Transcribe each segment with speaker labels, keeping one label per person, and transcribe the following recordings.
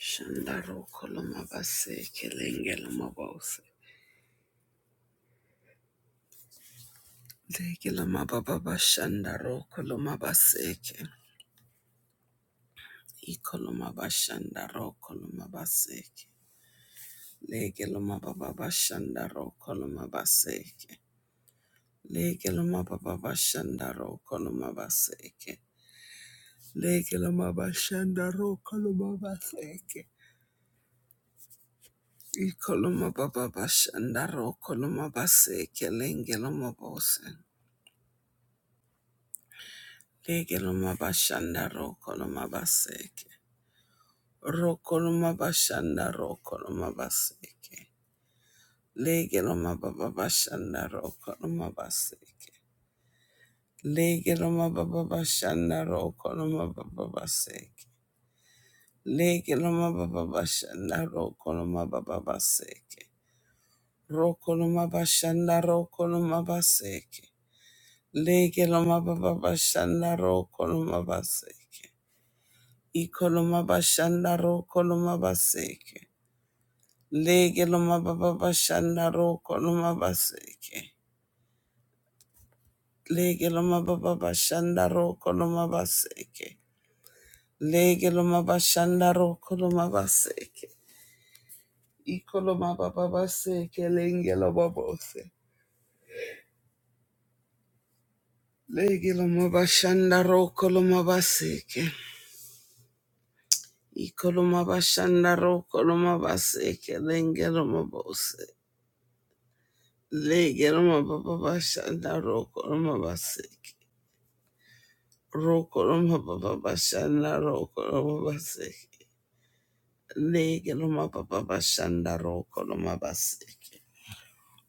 Speaker 1: Shandaro koloma base kelenge loma bose. Lege loma baba bashandaro koloma baseke. Ikoloma bashandaro koloma baseke. Lege loma baba bashandaro koloma baseke. Lege loma baba bashandaro koloma baseke. Lege loma bashandaro koloma baseke. Ikoloma baba bashandaro koloma baseke lenge loma bose. Legelomabashanda rokolomabaseke. Rokolomabashanda rokolomabaseke. Legelomababashanda rokolomabaseke. Legelomababashanda rokolomababaseke. Legelomababashanda rokolomababaseke. Rokolomabashanda rokolomabaseke. Legelomababashanda rokolomabaseke. Ikoloma bashanda ro koloma baseke. Lege loma baba bashandaro koloma baseke. Lege loma baba bashandaro koloma baseke. Lege loma bashanda ro koloma baseke. Ikoloma baba baseke lenge loma bose. Lege loma bashandaro koloma baseke. Ikoloma bashanda ro koloma baseke lenge loma bose. Lege roma baba bashanda roko roma baseke. Roko roma baba bashanda roko roma baseke. Lege roma baba bashanda roko roma baseke.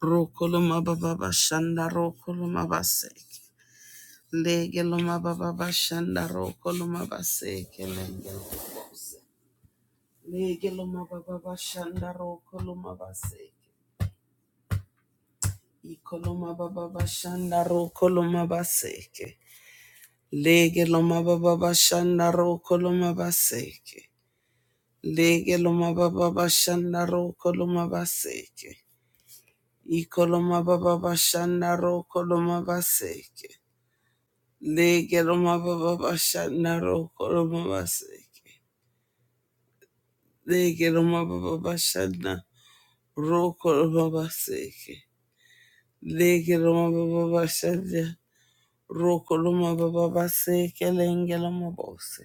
Speaker 1: Roko roma baba bashanda roko roma baseke. Lege roma baba bashanda roko roma baseke. Lege roma baseke. Lege loma baba bashanda roko loma baseke. Iko loma baba bashanda roko loma baseke. Lege loma baba bashanda roko loma baseke. Lege loma baba bashanda roko loma baseke. Iko loma baba bashanda roko loma baseke. Lege loma baba bashanda roko loma baseke. Lege loma baba bashanda roko loma baseke. Lege loma baba bashanda roko loma baba baseke. Lenge loma bose.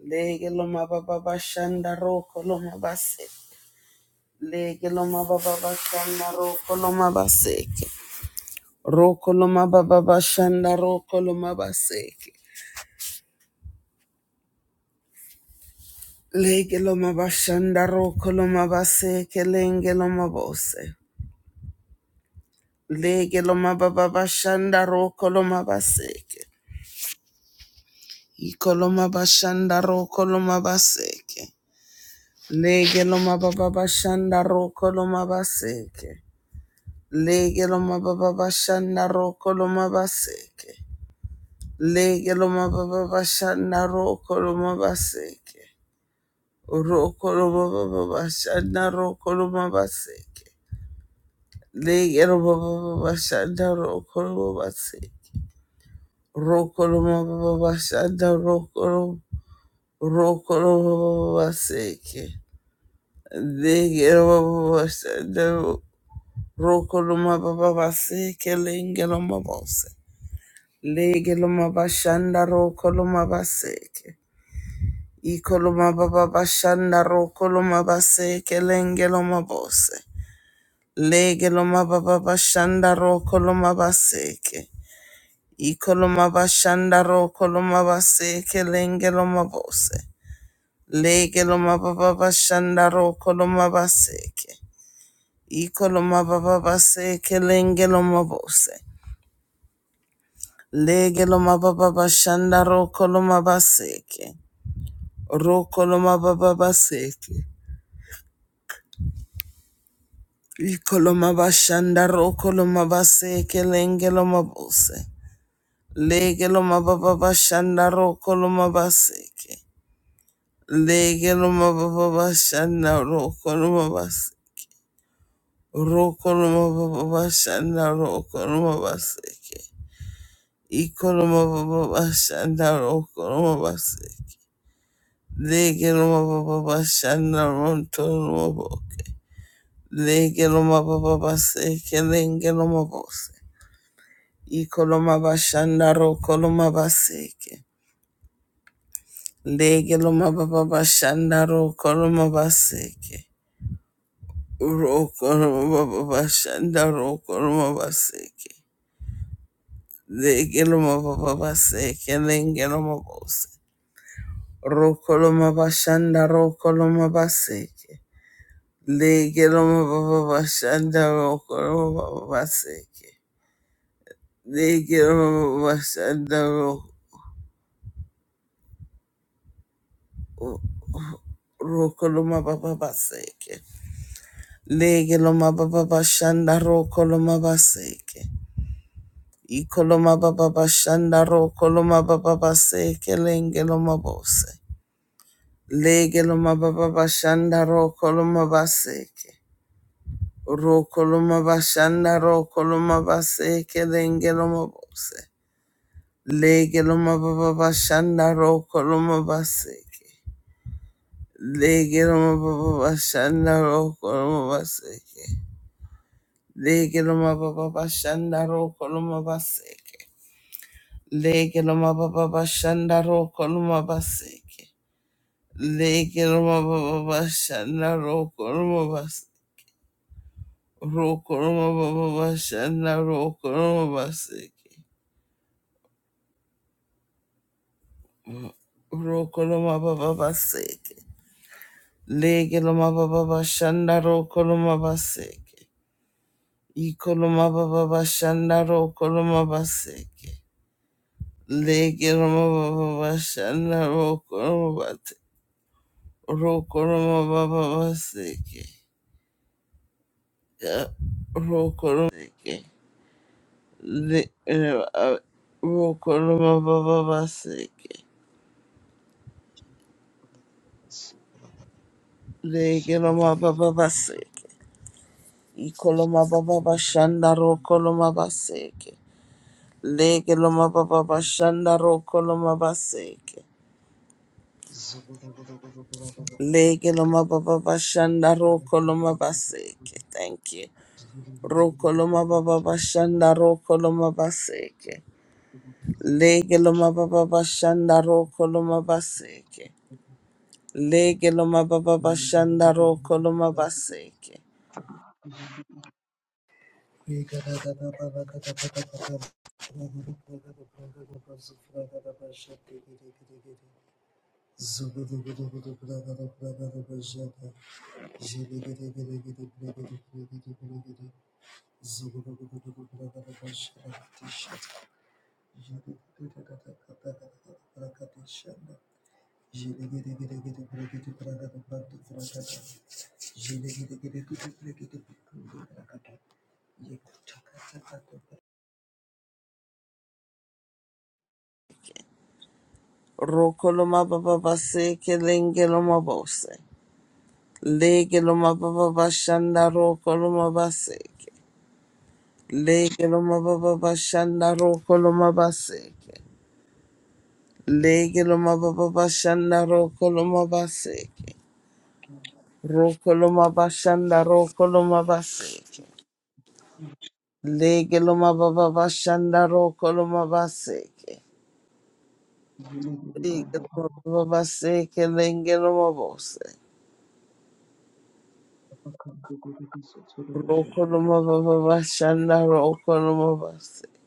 Speaker 1: Lege loma baba bashanda roko loma base. Lege loma baba bashanda roko loma baseke. Roko loma baba bashanda roko loma baseke. Lege loma bashanda roko loma baseke lenge loma bose. Lege loma baba bashanda roko loma baseke. Iko loma bashanda roko loma baseke. Lege loma baba bashanda roko loma baseke. Lege loma baba bashanda roko loma baseke. Lege loma baba bashanda roko loma baseke. Roko loma baba bashanda roko loma baseke. Lege loma baba bashanda roko loma baseke. Roko loma baba bashanda roko loma roko loma baba baseke. Lege loma baba bashanda roko loma baba baseke. Lenge loma bose. Lege loma bashanda ro koloma baseke. I koloma baba bashanda ro koloma baseke lenge loma bose. Lege loma baba bashanda ro koloma baseke. I koloma bashanda ro koloma baseke lenge loma bose. Lege loma baba bashanda ro koloma baseke. I koloma baba baseke lenge loma bose. Lege loma baba bashanda ro koloma baseke. Rokoloma baba baseke. Ikoloma bashanda rokoloma baseke lengeloma bose. Legeloma baba bashanda rokoloma baseke. Legeloma baba bashanda rokoloma baseke. Rokoloma baba bashanda rokoloma baseke. Ikoloma baba bashanda rokoloma baseke. Legeloma baba bashanda rokoloma baseke. Legeloma baba baseke, lengeloma bose. Ikoloma bashanda ro koloma baseke. Legeloma baba bashanda ro koloma baseke. Rokoloma koloma baba bashanda ro koloma baseke. Legeloma baba baseke, lengeloma bose. Ro koloma bashanda ro koloma baseke. Legeloma baba bashanda ro koloma baseke. Lége mababasanda roko lo mabababaseke. Legelo mabababashanda roko lo mabaseke. Iko lo mabababashanda roko lo mabababaseke lengelo mabose. Legiloma Baba Bashanda Rokoloma Baseke. Legiloma Baba Bashanda Rokoloma Baseke. Legiloma Baba Bashanda Rokoloma Baseke. Legiloma Baba Bashanda Rokoloma Baseke. Rokoloma Baba Bashanda Rokoloma Baseke. Rokoloma Baba Baseke. Legiloma Baba Bashanda Rokoloma Baseke. Ikoloma baba bashanda ro koloma baseke. Leke roma baba bashanda ro koloma bate. Ro koloma baba baseke. Ka ro koloma seke. Le eh, ah, ro koloma baba baseke. Leke roma baba baseke. Ikoloma baba bashanda ro koloma baseke. Leke roma baba bashanda ro koloma baseke.
Speaker 2: Zugu
Speaker 1: Lege loma baba bashanda roko loma baseke. Thank you. Roko loma baba bashanda roko loma baseke. Lege loma baba bashanda roko loma baseke. Lege loma baba bashanda roko loma baseke.
Speaker 2: Thank
Speaker 1: Roko loma baba baseke lenge loma bose. Lege loma baba bashanda roko loma baseke. Lege loma baba bashanda roko loma baseke. Legiloma baba bashanda rokoloma baseke. Rokoloma bashanda rokoloma baseke. Legiloma baba bashanda rokoloma baseke. Legiloma baba baseke lengeloma bose. Rokoloma baba bashanda rokoloma baseke.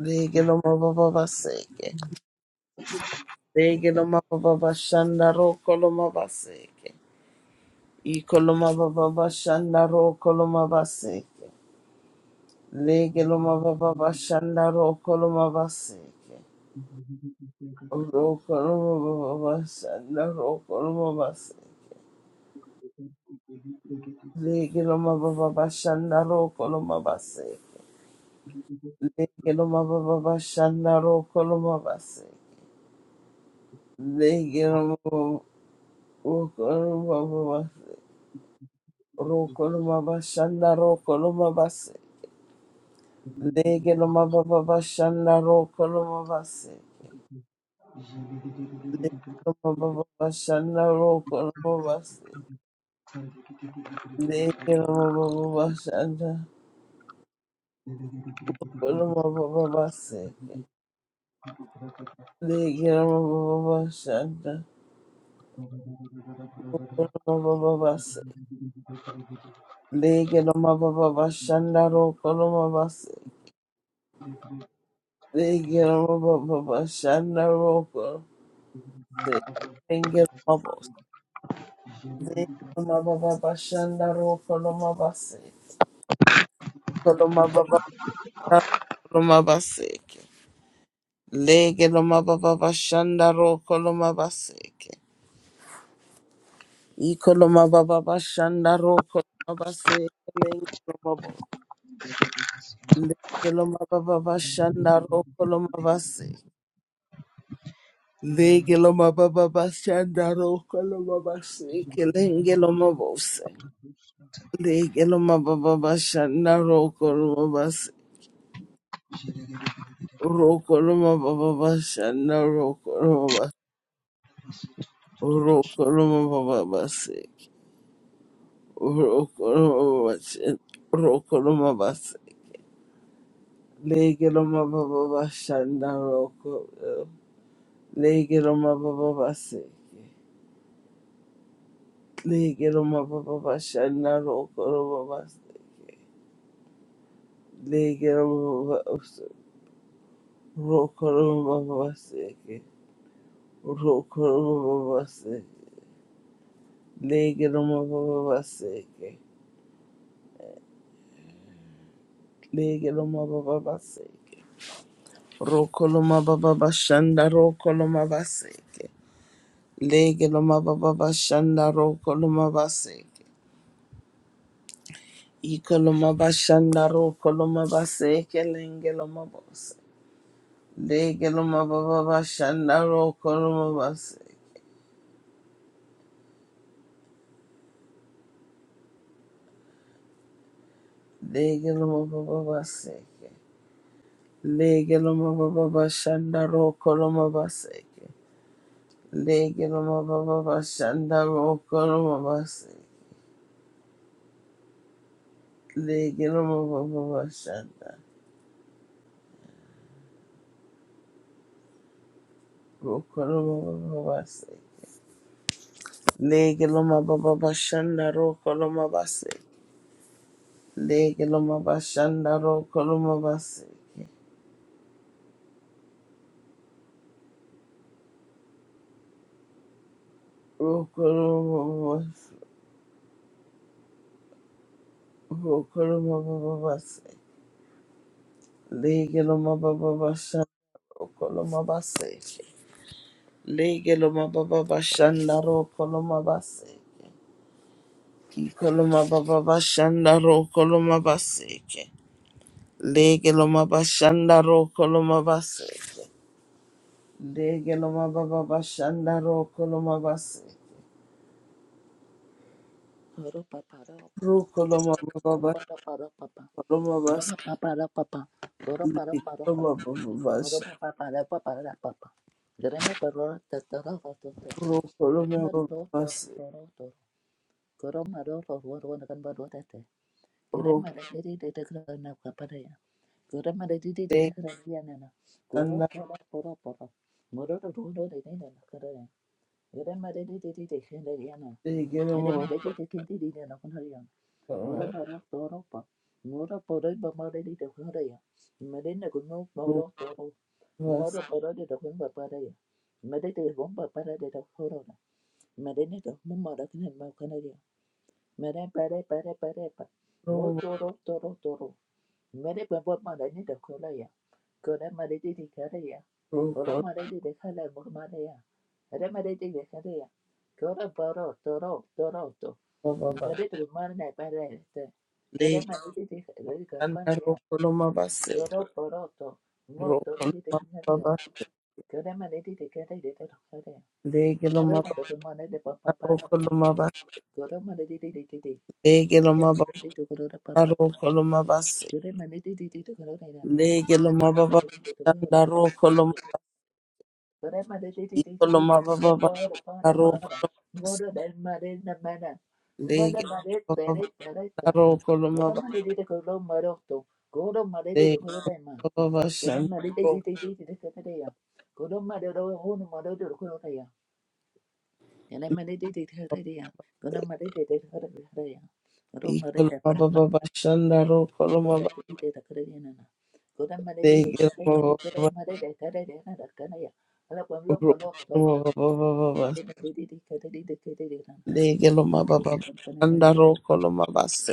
Speaker 1: Legiloma baba baseke. Legiloma baba bashanda rokoloma baseke. Ikoloma baba bashanda rokoloma baseke. Lege loma baba bashanda roko loma baseke. Roko loma baba bashanda roko loma baseke. Lege loma baba bashanda roko loma baseke. Lege loma baba bashanda roko loma baseke. Lege loma roko loma baba roko loma bashanda roko loma baseke. Lege loma baba bashanda roko loma baseke. Lege loma baba bashanda roko loma baseke. Legera amababa bashanda gukora amababa baseke legera amababa bashanda gukora amababa baseke legera amababa bashanda rokora amabase legera amababa bashanda rokora legera amabose legera amababa bashanda rokora amabase kora amababa rokora amabaseke legera amababa bashanda rokora amabaseke Ikoloma baba bashanda roko mabase lengelomabo lengeloma baba bashanda roko lomabase lengeloma baba bashanda roko lomabase lengelomabose lengeloma baba bashanda roko lomabase roko lomababa bashanda roko lomabase roko lomababa base roko lomabase roko lomabase Lege loma baba bashanda roko. Lege loma baba baseke. Lege loma baba bashanda roko loma baseke. Lege loma baba roko loma baba baseke. Roko loma baba baseke. Lege loma baba baseke. Lege loma baba baseke. Roko loma baba bashanda roko loma baseke. Lege loma baba bashanda roko loma baseke. Ikoloma bashandaro koloma baseke lenge loma bose. Lege loma baba bashandaro koloma baseke. Lege loma baba baseke. Lege loma baba bashandaro koloma baseke. Lege loma baba bashandaro koloma baseke. Lege loma baba bashandaro koloma baba baseke. Lege loma baba bashandaro koloma baseke. Lege loma bashanda roko loma baseke. Roko loma bas- roko loma babase. Lege loma baba bashanda roko loma baseke. Lege loma baba bashanda roko loma baseke. Iko loma baba bashanda roko loma baseke. Lege loma bashanda roko loma baseke. Lege loma baba bashanda roko loma baseke.
Speaker 3: Ro pa pa, ro pa pa,
Speaker 1: Roko loma
Speaker 3: ro
Speaker 1: baba
Speaker 3: pa pa,
Speaker 1: bashanda
Speaker 3: pa ro pa, pa ro pa, pa pa, ro pa pa, ro pa
Speaker 1: Baba
Speaker 3: ro pa, ro pa ro pa, pa pa, ro pa pa, ro pa pa, ro ma pa ro ta ta ro
Speaker 1: Rokoloma
Speaker 3: ro
Speaker 1: Babas
Speaker 3: to to ro ma ro to ro to ro to ro ma ro ro ro ro na kan ba ro ta ta ki re ma
Speaker 1: Rokde
Speaker 3: re re re ta ka na ka pa,
Speaker 1: and Natigamo
Speaker 3: Gurama Ora bara toro pa. Ora bara ba ma re di da kun re ya. Ma de na kun no ma ro toro. Ma
Speaker 1: Rokovas
Speaker 3: ro bara de da kun ba pa re ya. Ma de te bon ba pa re de ko ro da horo na. Ma de ne da mo ma ra kun ma kun re ya. Ma de pa re pa re pa re pa. Mo toro toro toro. Ma de ba ba ma re ne da kun re ya. Ko na ma de di di ka re ya. Ora
Speaker 1: Rokol
Speaker 3: ma de di de ka la mo ma re ya. Ora ma de di de ka re ya. Ko ra bara toro toro toro.
Speaker 1: Baba
Speaker 3: Nimerudi mara na ibada este
Speaker 1: lake,
Speaker 3: queremos nidhi lelika pale ya
Speaker 1: Rokolomababasha,
Speaker 3: yoro poroto
Speaker 1: rokolomababasha,
Speaker 3: moto nidhi
Speaker 1: rokolomababasha, rokolomababasha,
Speaker 3: nadia queremos nidhi de kete de te kare moro to to mane de papa para
Speaker 1: rokolomababasha, rokolomababasha,
Speaker 3: yoro mane de de de de de de
Speaker 1: rokolomababasha,
Speaker 3: to koro da papa yoro mane de de de to koro da na yoro mane de
Speaker 1: rokolomababasha,
Speaker 3: de de de de para para
Speaker 1: rokolomababasha, rokolomababasha,
Speaker 3: para moro da mane na mana mana mane pere
Speaker 1: rokolomababasha,
Speaker 3: pere
Speaker 1: rokolomababasha,
Speaker 3: ta yoro mane
Speaker 1: rokolomababasha,
Speaker 3: de didi de koro moro to koro mane de didi de koro
Speaker 1: Baba
Speaker 3: Kono ma de de de
Speaker 1: Shandaro
Speaker 3: de de de de de de ya. Kono ma de do ho no ma de do ko ta ya. Yana ma de de de de de de ya. Kono ma de de de de de de de ya. ma de de pa
Speaker 1: Baba
Speaker 3: pa
Speaker 1: Baba Shandaro
Speaker 3: de de
Speaker 1: Koloma
Speaker 3: de de de de de na na. Kono ma de de de
Speaker 1: Degel
Speaker 3: de de ya.
Speaker 1: Baba Baba
Speaker 3: ma de de de de de na da ka na ya. Ala ko lo pa lo to Ma de de de de de de de de de na
Speaker 1: Baba Shandaro Koloma Base.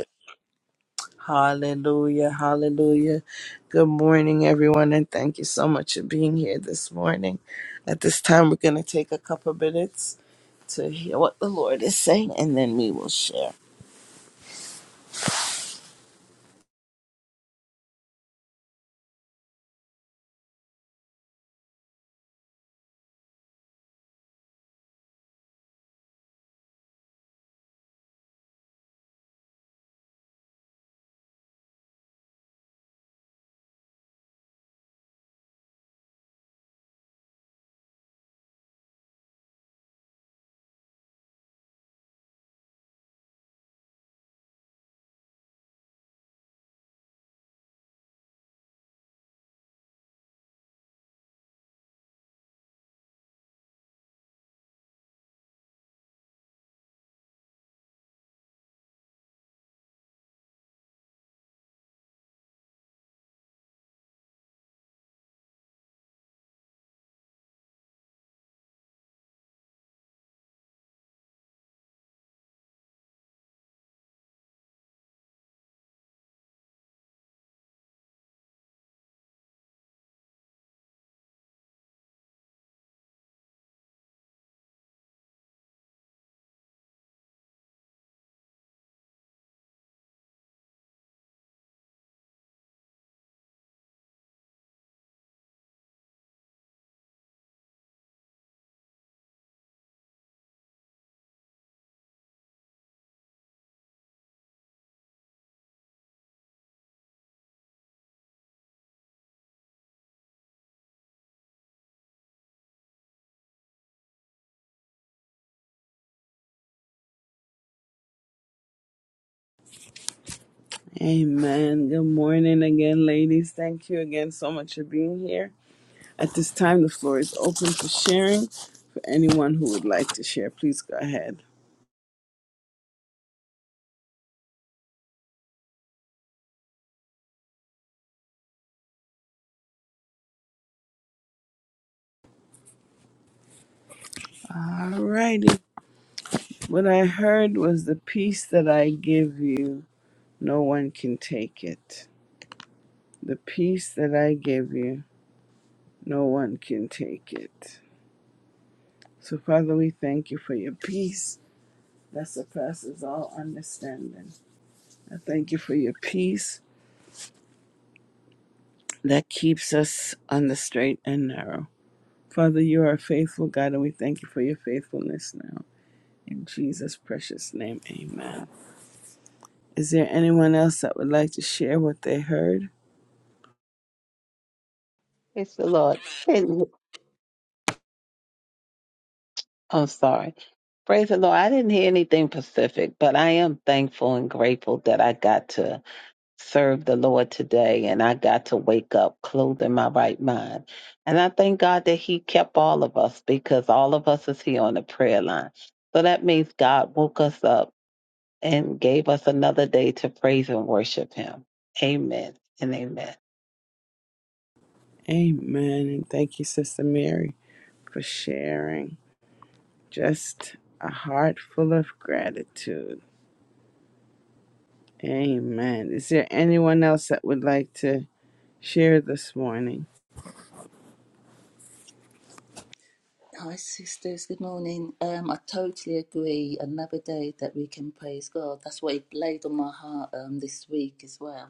Speaker 1: Hallelujah, hallelujah. Good morning, everyone, and thank you so much for being here this morning. At this time, we're going to take a couple minutes to hear what the Lord is saying, and then we will share. Amen. Good morning again, ladies. Thank you again so much for being here. At this time, the floor is open for sharing. For anyone who would like to share, please go ahead. Alrighty. What I heard was the peace that I give you, no one can take it. The peace that I give you, no one can take it. So, Father, we thank you for your peace that surpasses all understanding. I thank you for your peace that keeps us on the straight and narrow. Father, you are a faithful God, and we thank you for your faithfulness now. In Jesus' precious name, amen. Is there anyone else that would like to share what they heard?
Speaker 4: Praise the Lord. And- I'm sorry. Praise the Lord. I didn't hear anything specific, but I am thankful and grateful that I got to serve the Lord today and I got to wake up clothed in my right mind. And I thank God that He kept all of us because all of us is here on the prayer line. So that means God woke us up and gave us another day to praise and worship Him. Amen and amen.
Speaker 1: Amen. And thank you, Sister Mary, for sharing. Just a heart full of gratitude. Amen. Is there anyone else that would like to share this morning?
Speaker 3: Hi, sisters. Good morning. Um, I totally agree. Another day that we can praise God. That's what He laid on my heart um, this week as well.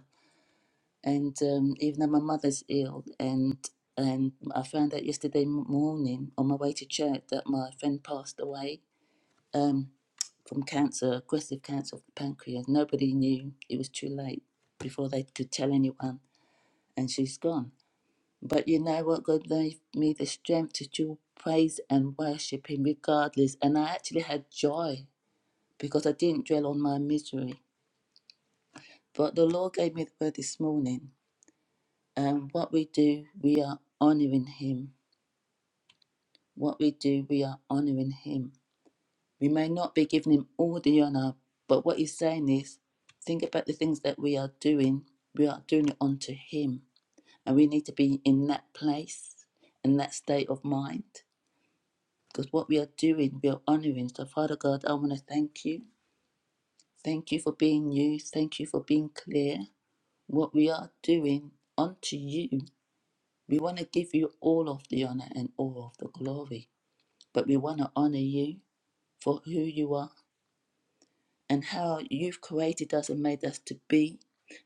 Speaker 3: and um, even though my mother's ill and and I found out yesterday m- morning on my way to church that my friend passed away um, from cancer, aggressive cancer of the pancreas. Nobody knew. It was too late before they could tell anyone, and she's gone. But you know what? God gave me the strength to still praise and worship Him regardless. And I actually had joy because I didn't dwell on my misery. But the Lord gave me the word this morning And what we do, we are honoring him. What we do, we are honoring him. We may not be giving him all the honor, but what he's saying is think about the things that we are doing. We are doing it unto him. And we need to be in that place and that state of mind. Because what we are doing, we are honoring. So, Father God, I want to thank you. Thank you for being you. Thank you for being clear. What we are doing unto you We want to give you all of the honor and all of the glory, but we want to honor you for who you are and how you've created us and made us to be.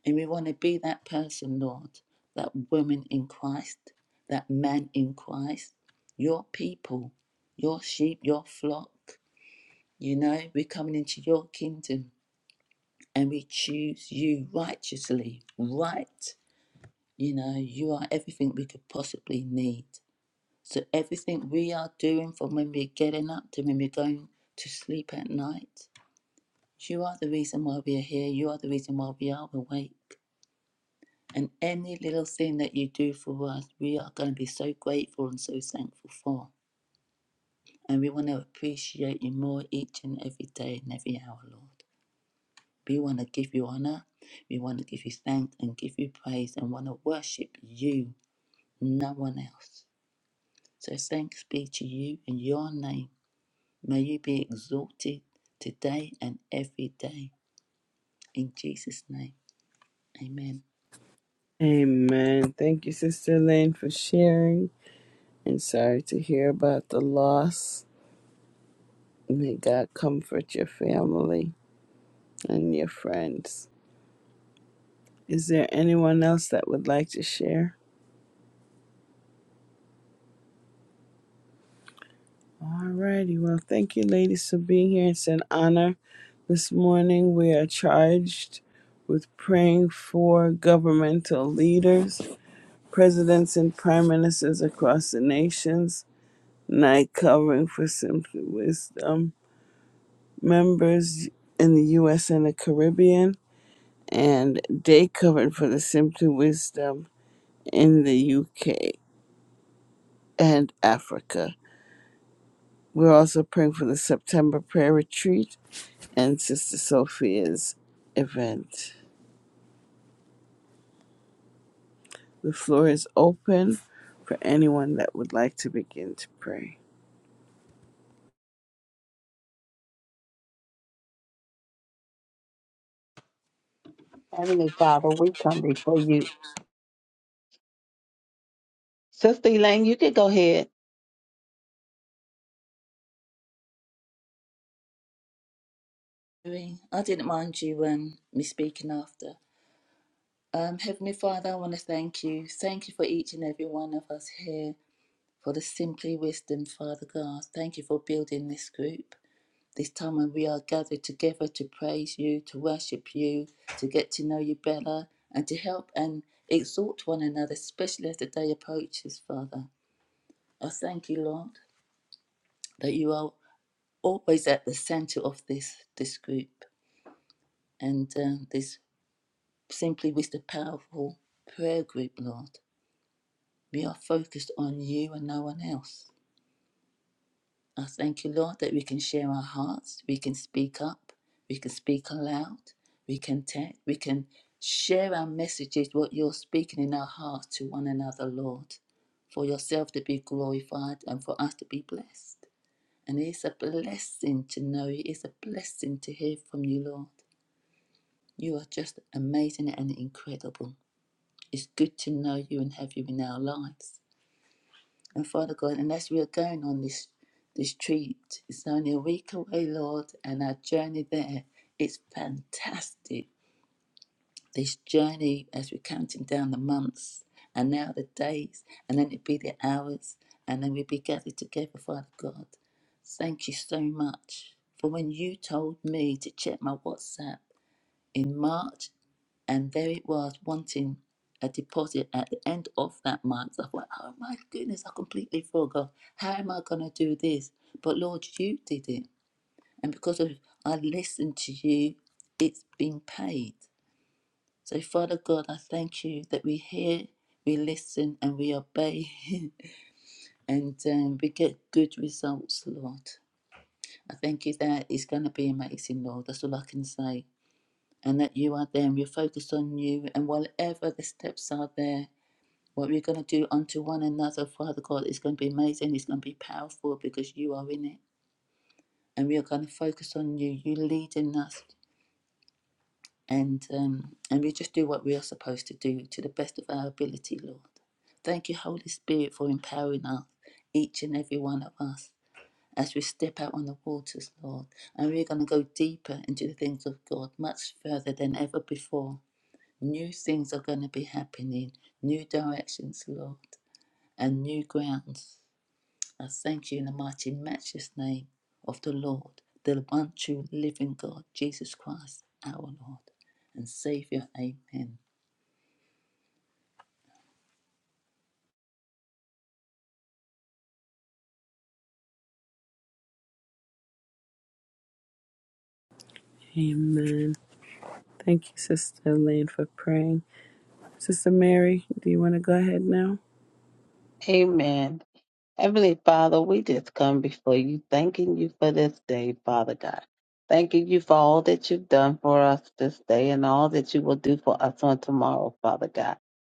Speaker 3: And we want to be that person, Lord, that woman in Christ, that man in Christ, your people, your sheep, your flock. You know, we're coming into your kingdom and we choose you righteously, right. You know, you are everything we could possibly need. So everything we are doing from when we're getting up to when we're going to sleep at night, you are the reason why we are here. You are the reason why we are awake. And any little thing that you do for us, we are going to be so grateful and so thankful for. And we want to appreciate you more each and every day and every hour, Lord. We want to give you honor. We want to give you thanks and give you praise and want to worship you, no one else. So thanks be to you in your name. May you be exalted today and every day. In Jesus' name, amen.
Speaker 1: Amen. Thank you, Sister Lynn, for sharing. And sorry to hear about the loss. May God comfort your family and your friends. Is there anyone else that would like to share? All righty. Well, thank you, ladies, for being here. It's an honor. This morning, we are charged with praying for governmental leaders, presidents, and prime ministers across the nations. Night covering for Simply Wisdom members in the U.S. and the Caribbean, and day covering for the Simply Wisdom in the U.K. and Africa. We're also praying for the September prayer retreat and Sister Sophia's event. The floor is open for anyone that would like to begin to pray.
Speaker 4: Heavenly Father, we come before you. Sister Elaine, you can go ahead.
Speaker 3: I didn't mind you um, me speaking after. Um, Heavenly Father, I want to thank you. Thank you for each and every one of us here, for the Simply Wisdom, Father God. Thank you for building this group. This time when we are gathered together to praise you, to worship you, to get to know you better, and to help and exhort one another, especially as the day approaches, Father. I thank you, Lord that you are always at the center of this this group and um, this simply with the powerful prayer group lord we are focused on you and no one else i thank you lord that we can share our hearts we can speak up we can speak aloud we can text we can share our messages what you're speaking in our hearts to one another lord for yourself to be glorified and for us to be blessed and it is a blessing to know you. It is a blessing to hear from you, Lord. You are just amazing and incredible. It's good to know you and have you in our lives. And Father God, and as we are going on this this treat, it's only a week away, Lord, and our journey there—it's fantastic. This journey as we're counting down the months and now the days, and then it be the hours, and then we be gathered together, Father God. Thank you so much for when you told me to check my WhatsApp in March and there it was wanting a deposit at the end of that month. I thought, oh my goodness, I completely forgot. How am I going to do this? But Lord, you did it. And because of I listened to you, it's been paid. So, Father God, I thank you that we hear, we listen, and we obey, and um, we get good results, Lord. I thank you that it's going to be amazing, Lord. That's all I can say. And that you are there and we're focused on you, and whatever the steps are there, What we're going to do unto one another, Father God, is going to be amazing. It's going to be powerful because you are in it. And we are going to focus on you, you leading us. And, um, and we just do what we are supposed to do to the best of our ability, Lord. Thank you, Holy Spirit, for empowering us, each and every one of us, as we step out on the waters, Lord. And we're going to go deeper into the things of God, much further than ever before. New things are going to be happening, new directions, Lord, and new grounds. I thank you in the mighty, matchless name of the Lord, the one true living God, Jesus Christ, our Lord and Savior. Amen.
Speaker 1: Amen. Thank you, Sister Elaine, for praying. Sister Mary, do you want to go ahead now?
Speaker 4: Amen. Heavenly Father, we just come before you, thanking you for this day, Father God. Thanking you for all that you've done for us this day and all that you will do for us on tomorrow, Father God.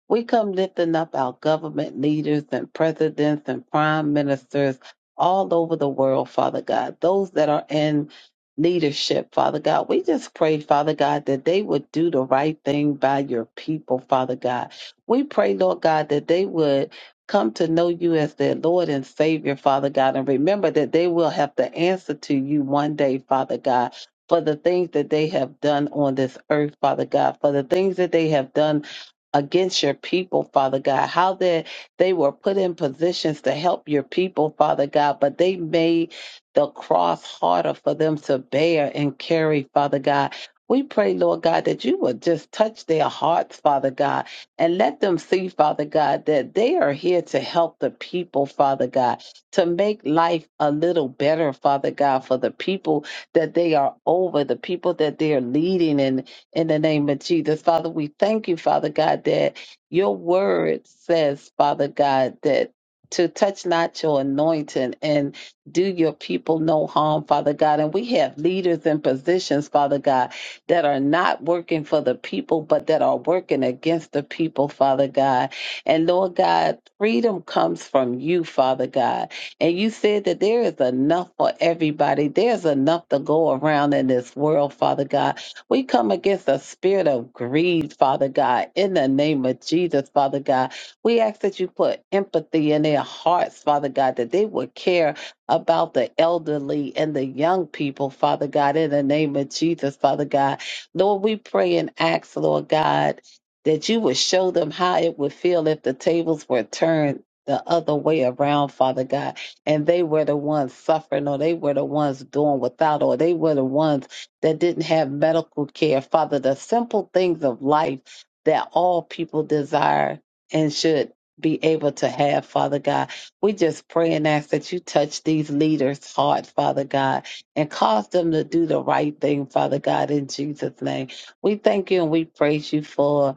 Speaker 4: We come lifting up our government leaders and presidents and prime ministers all over the world, Father God, those that are in leadership, Father God. We just pray, Father God, that they would do the right thing by your people, Father God. We pray, Lord God, that they would come to know you as their Lord and Savior, Father God. And remember that they will have to answer to you one day, Father God, for the things that they have done on this earth, Father God, for the things that they have done against your people, Father God, how that they were put in positions to help your people, Father God, but they made the cross harder for them to bear and carry, Father God. We pray, Lord God, that you would just touch their hearts, Father God and let them see, Father God, that they are here to help the people, Father God, to make life a little better, Father God, for the people that they are over, the people that they are leading in, in the name of Jesus. Father, we thank you, Father God, that your word says, Father God, that to touch not your anointing and do your people no harm, Father God. And we have leaders in positions, Father God, that are not working for the people, but that are working against the people, Father God. And Lord God, freedom comes from you, Father God. And you said that there is enough for everybody, there's enough to go around in this world, Father God. We come against the spirit of greed, Father God, in the name of Jesus, Father God. We ask that you put empathy in their hearts, Father God, that they would care about the elderly and the young people, Father God, in the name of Jesus, Father God Lord, we pray and ask, Lord God, that you would show them how it would feel if the tables were turned the other way around, Father God, and they were the ones suffering, or they were the ones doing without, or they were the ones that didn't have medical care. Father, the simple things of life that all people desire and should be able to have, Father God. We just pray and ask that you touch these leaders' hearts, Father God and cause them to do the right thing, Father God, in Jesus' name. We thank you and we praise you for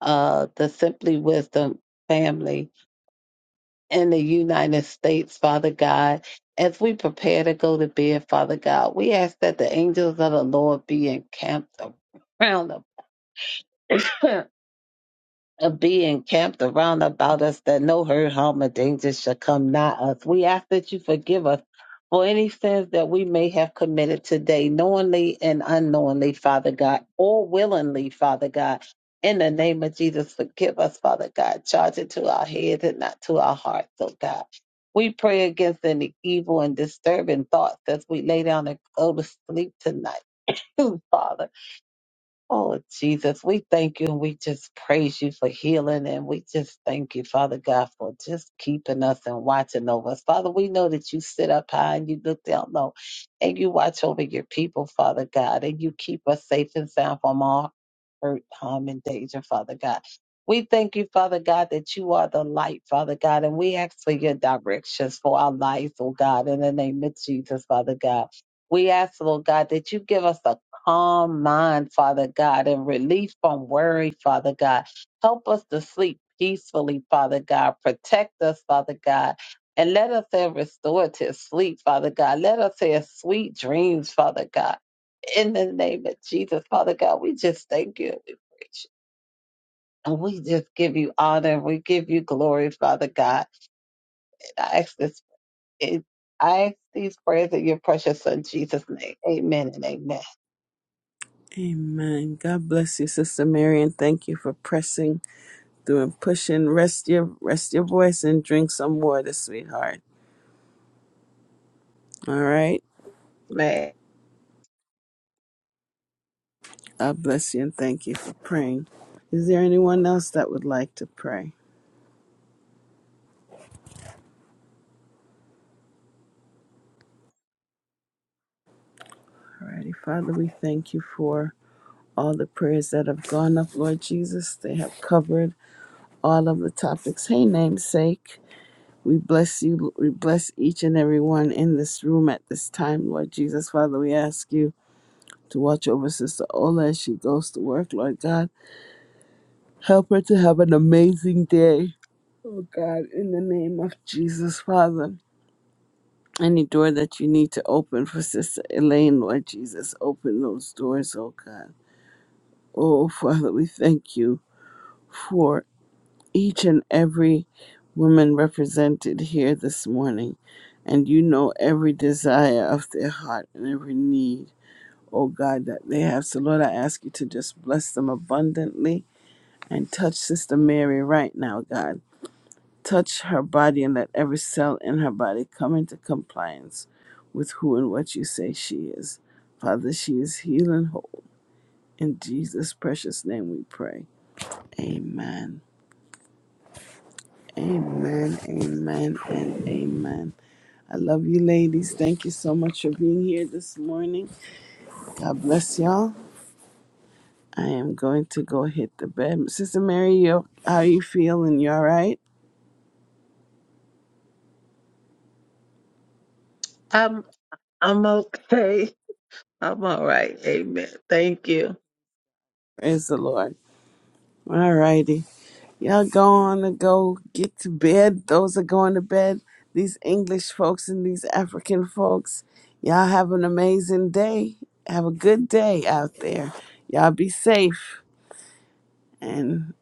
Speaker 4: uh, the Simply Wisdom family in the United States, Father God. As we prepare to go to bed, Father God, we ask that the angels of the Lord be encamped around them a being camped around about us that no hurt, harm, or danger shall come nigh us. We ask that you forgive us for any sins that we may have committed today, knowingly and unknowingly, Father God, or willingly, Father God. In the name of Jesus, forgive us, Father God. Charge it to our heads and not to our hearts, oh God. We pray against any evil and disturbing thoughts as we lay down and go to sleep tonight. Father. Oh, Jesus, we thank you and we just praise you for healing. And we just thank you, Father God, for just keeping us and watching over us. Father, we know that you sit up high and you look down low and you watch over your people, Father God, and you keep us safe and sound from all hurt, harm, and danger, Father God. We thank you, Father God, that you are the light, Father God, and we ask for your directions for our lives, oh God, in the name of Jesus, Father God. We ask, Lord God, that you give us a calm mind, Father God, and relief from worry, Father God. Help us to sleep peacefully, Father God. Protect us, Father God. And let us have restorative sleep, Father God. Let us have sweet dreams, Father God. In the name of Jesus, Father God, we just thank you and we praise you. And we just give you honor and we give you glory, Father God. And I ask this in I ask these prayers in your precious son Jesus' name. Amen and amen.
Speaker 1: Amen. God bless you, Sister Mary, and thank you for pressing through and pushing. Rest your rest your voice and drink some water, sweetheart. All right.
Speaker 4: Amen.
Speaker 1: I bless you and thank you for praying. Is there anyone else that would like to pray? Alrighty, Father, we thank you for all the prayers that have gone up, Lord Jesus. They have covered all of the topics. Hey, namesake, we bless you. We bless each and every one in this room at this time, Lord Jesus. Father, we ask you to watch over Sister Ola as she goes to work, Lord God. Help her to have an amazing day. Oh God, in the name of Jesus, Father. Any door that you need to open for Sister Elaine, Lord Jesus, open those doors, oh God. Oh, Father, we thank you for each and every woman represented here this morning. And you know every desire of their heart and every need, oh God, that they have. So, Lord, I ask you to just bless them abundantly and touch Sister Mary right now, God. Touch her body and let every cell in her body come into compliance with who and what you say she is. Father, she is healed and whole. In Jesus' precious name we pray. Amen. Amen. Amen. And amen. I love you, ladies. Thank you so much for being here this morning. God bless y'all. I am going to go hit the bed. Sister Mary, you, how you feeling? You all right?
Speaker 4: Um, I'm okay. I'm all right. Amen. Thank you.
Speaker 1: Praise the Lord. All righty. Y'all going to go get to bed. Those are going to bed. These English folks and these African folks. Y'all have an amazing day. Have a good day out there. Y'all be safe and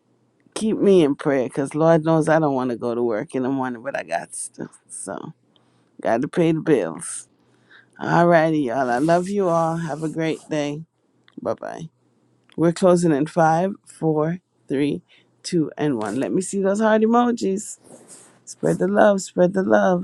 Speaker 1: keep me in prayer because Lord knows I don't want to go to work in the morning, but I got stuff. So, got to pay the bills. All righty, y'all. I love you all. Have a great day. Bye bye. We're closing in five, four, three, two, and one. Let me see those heart emojis. Spread the love, spread the love.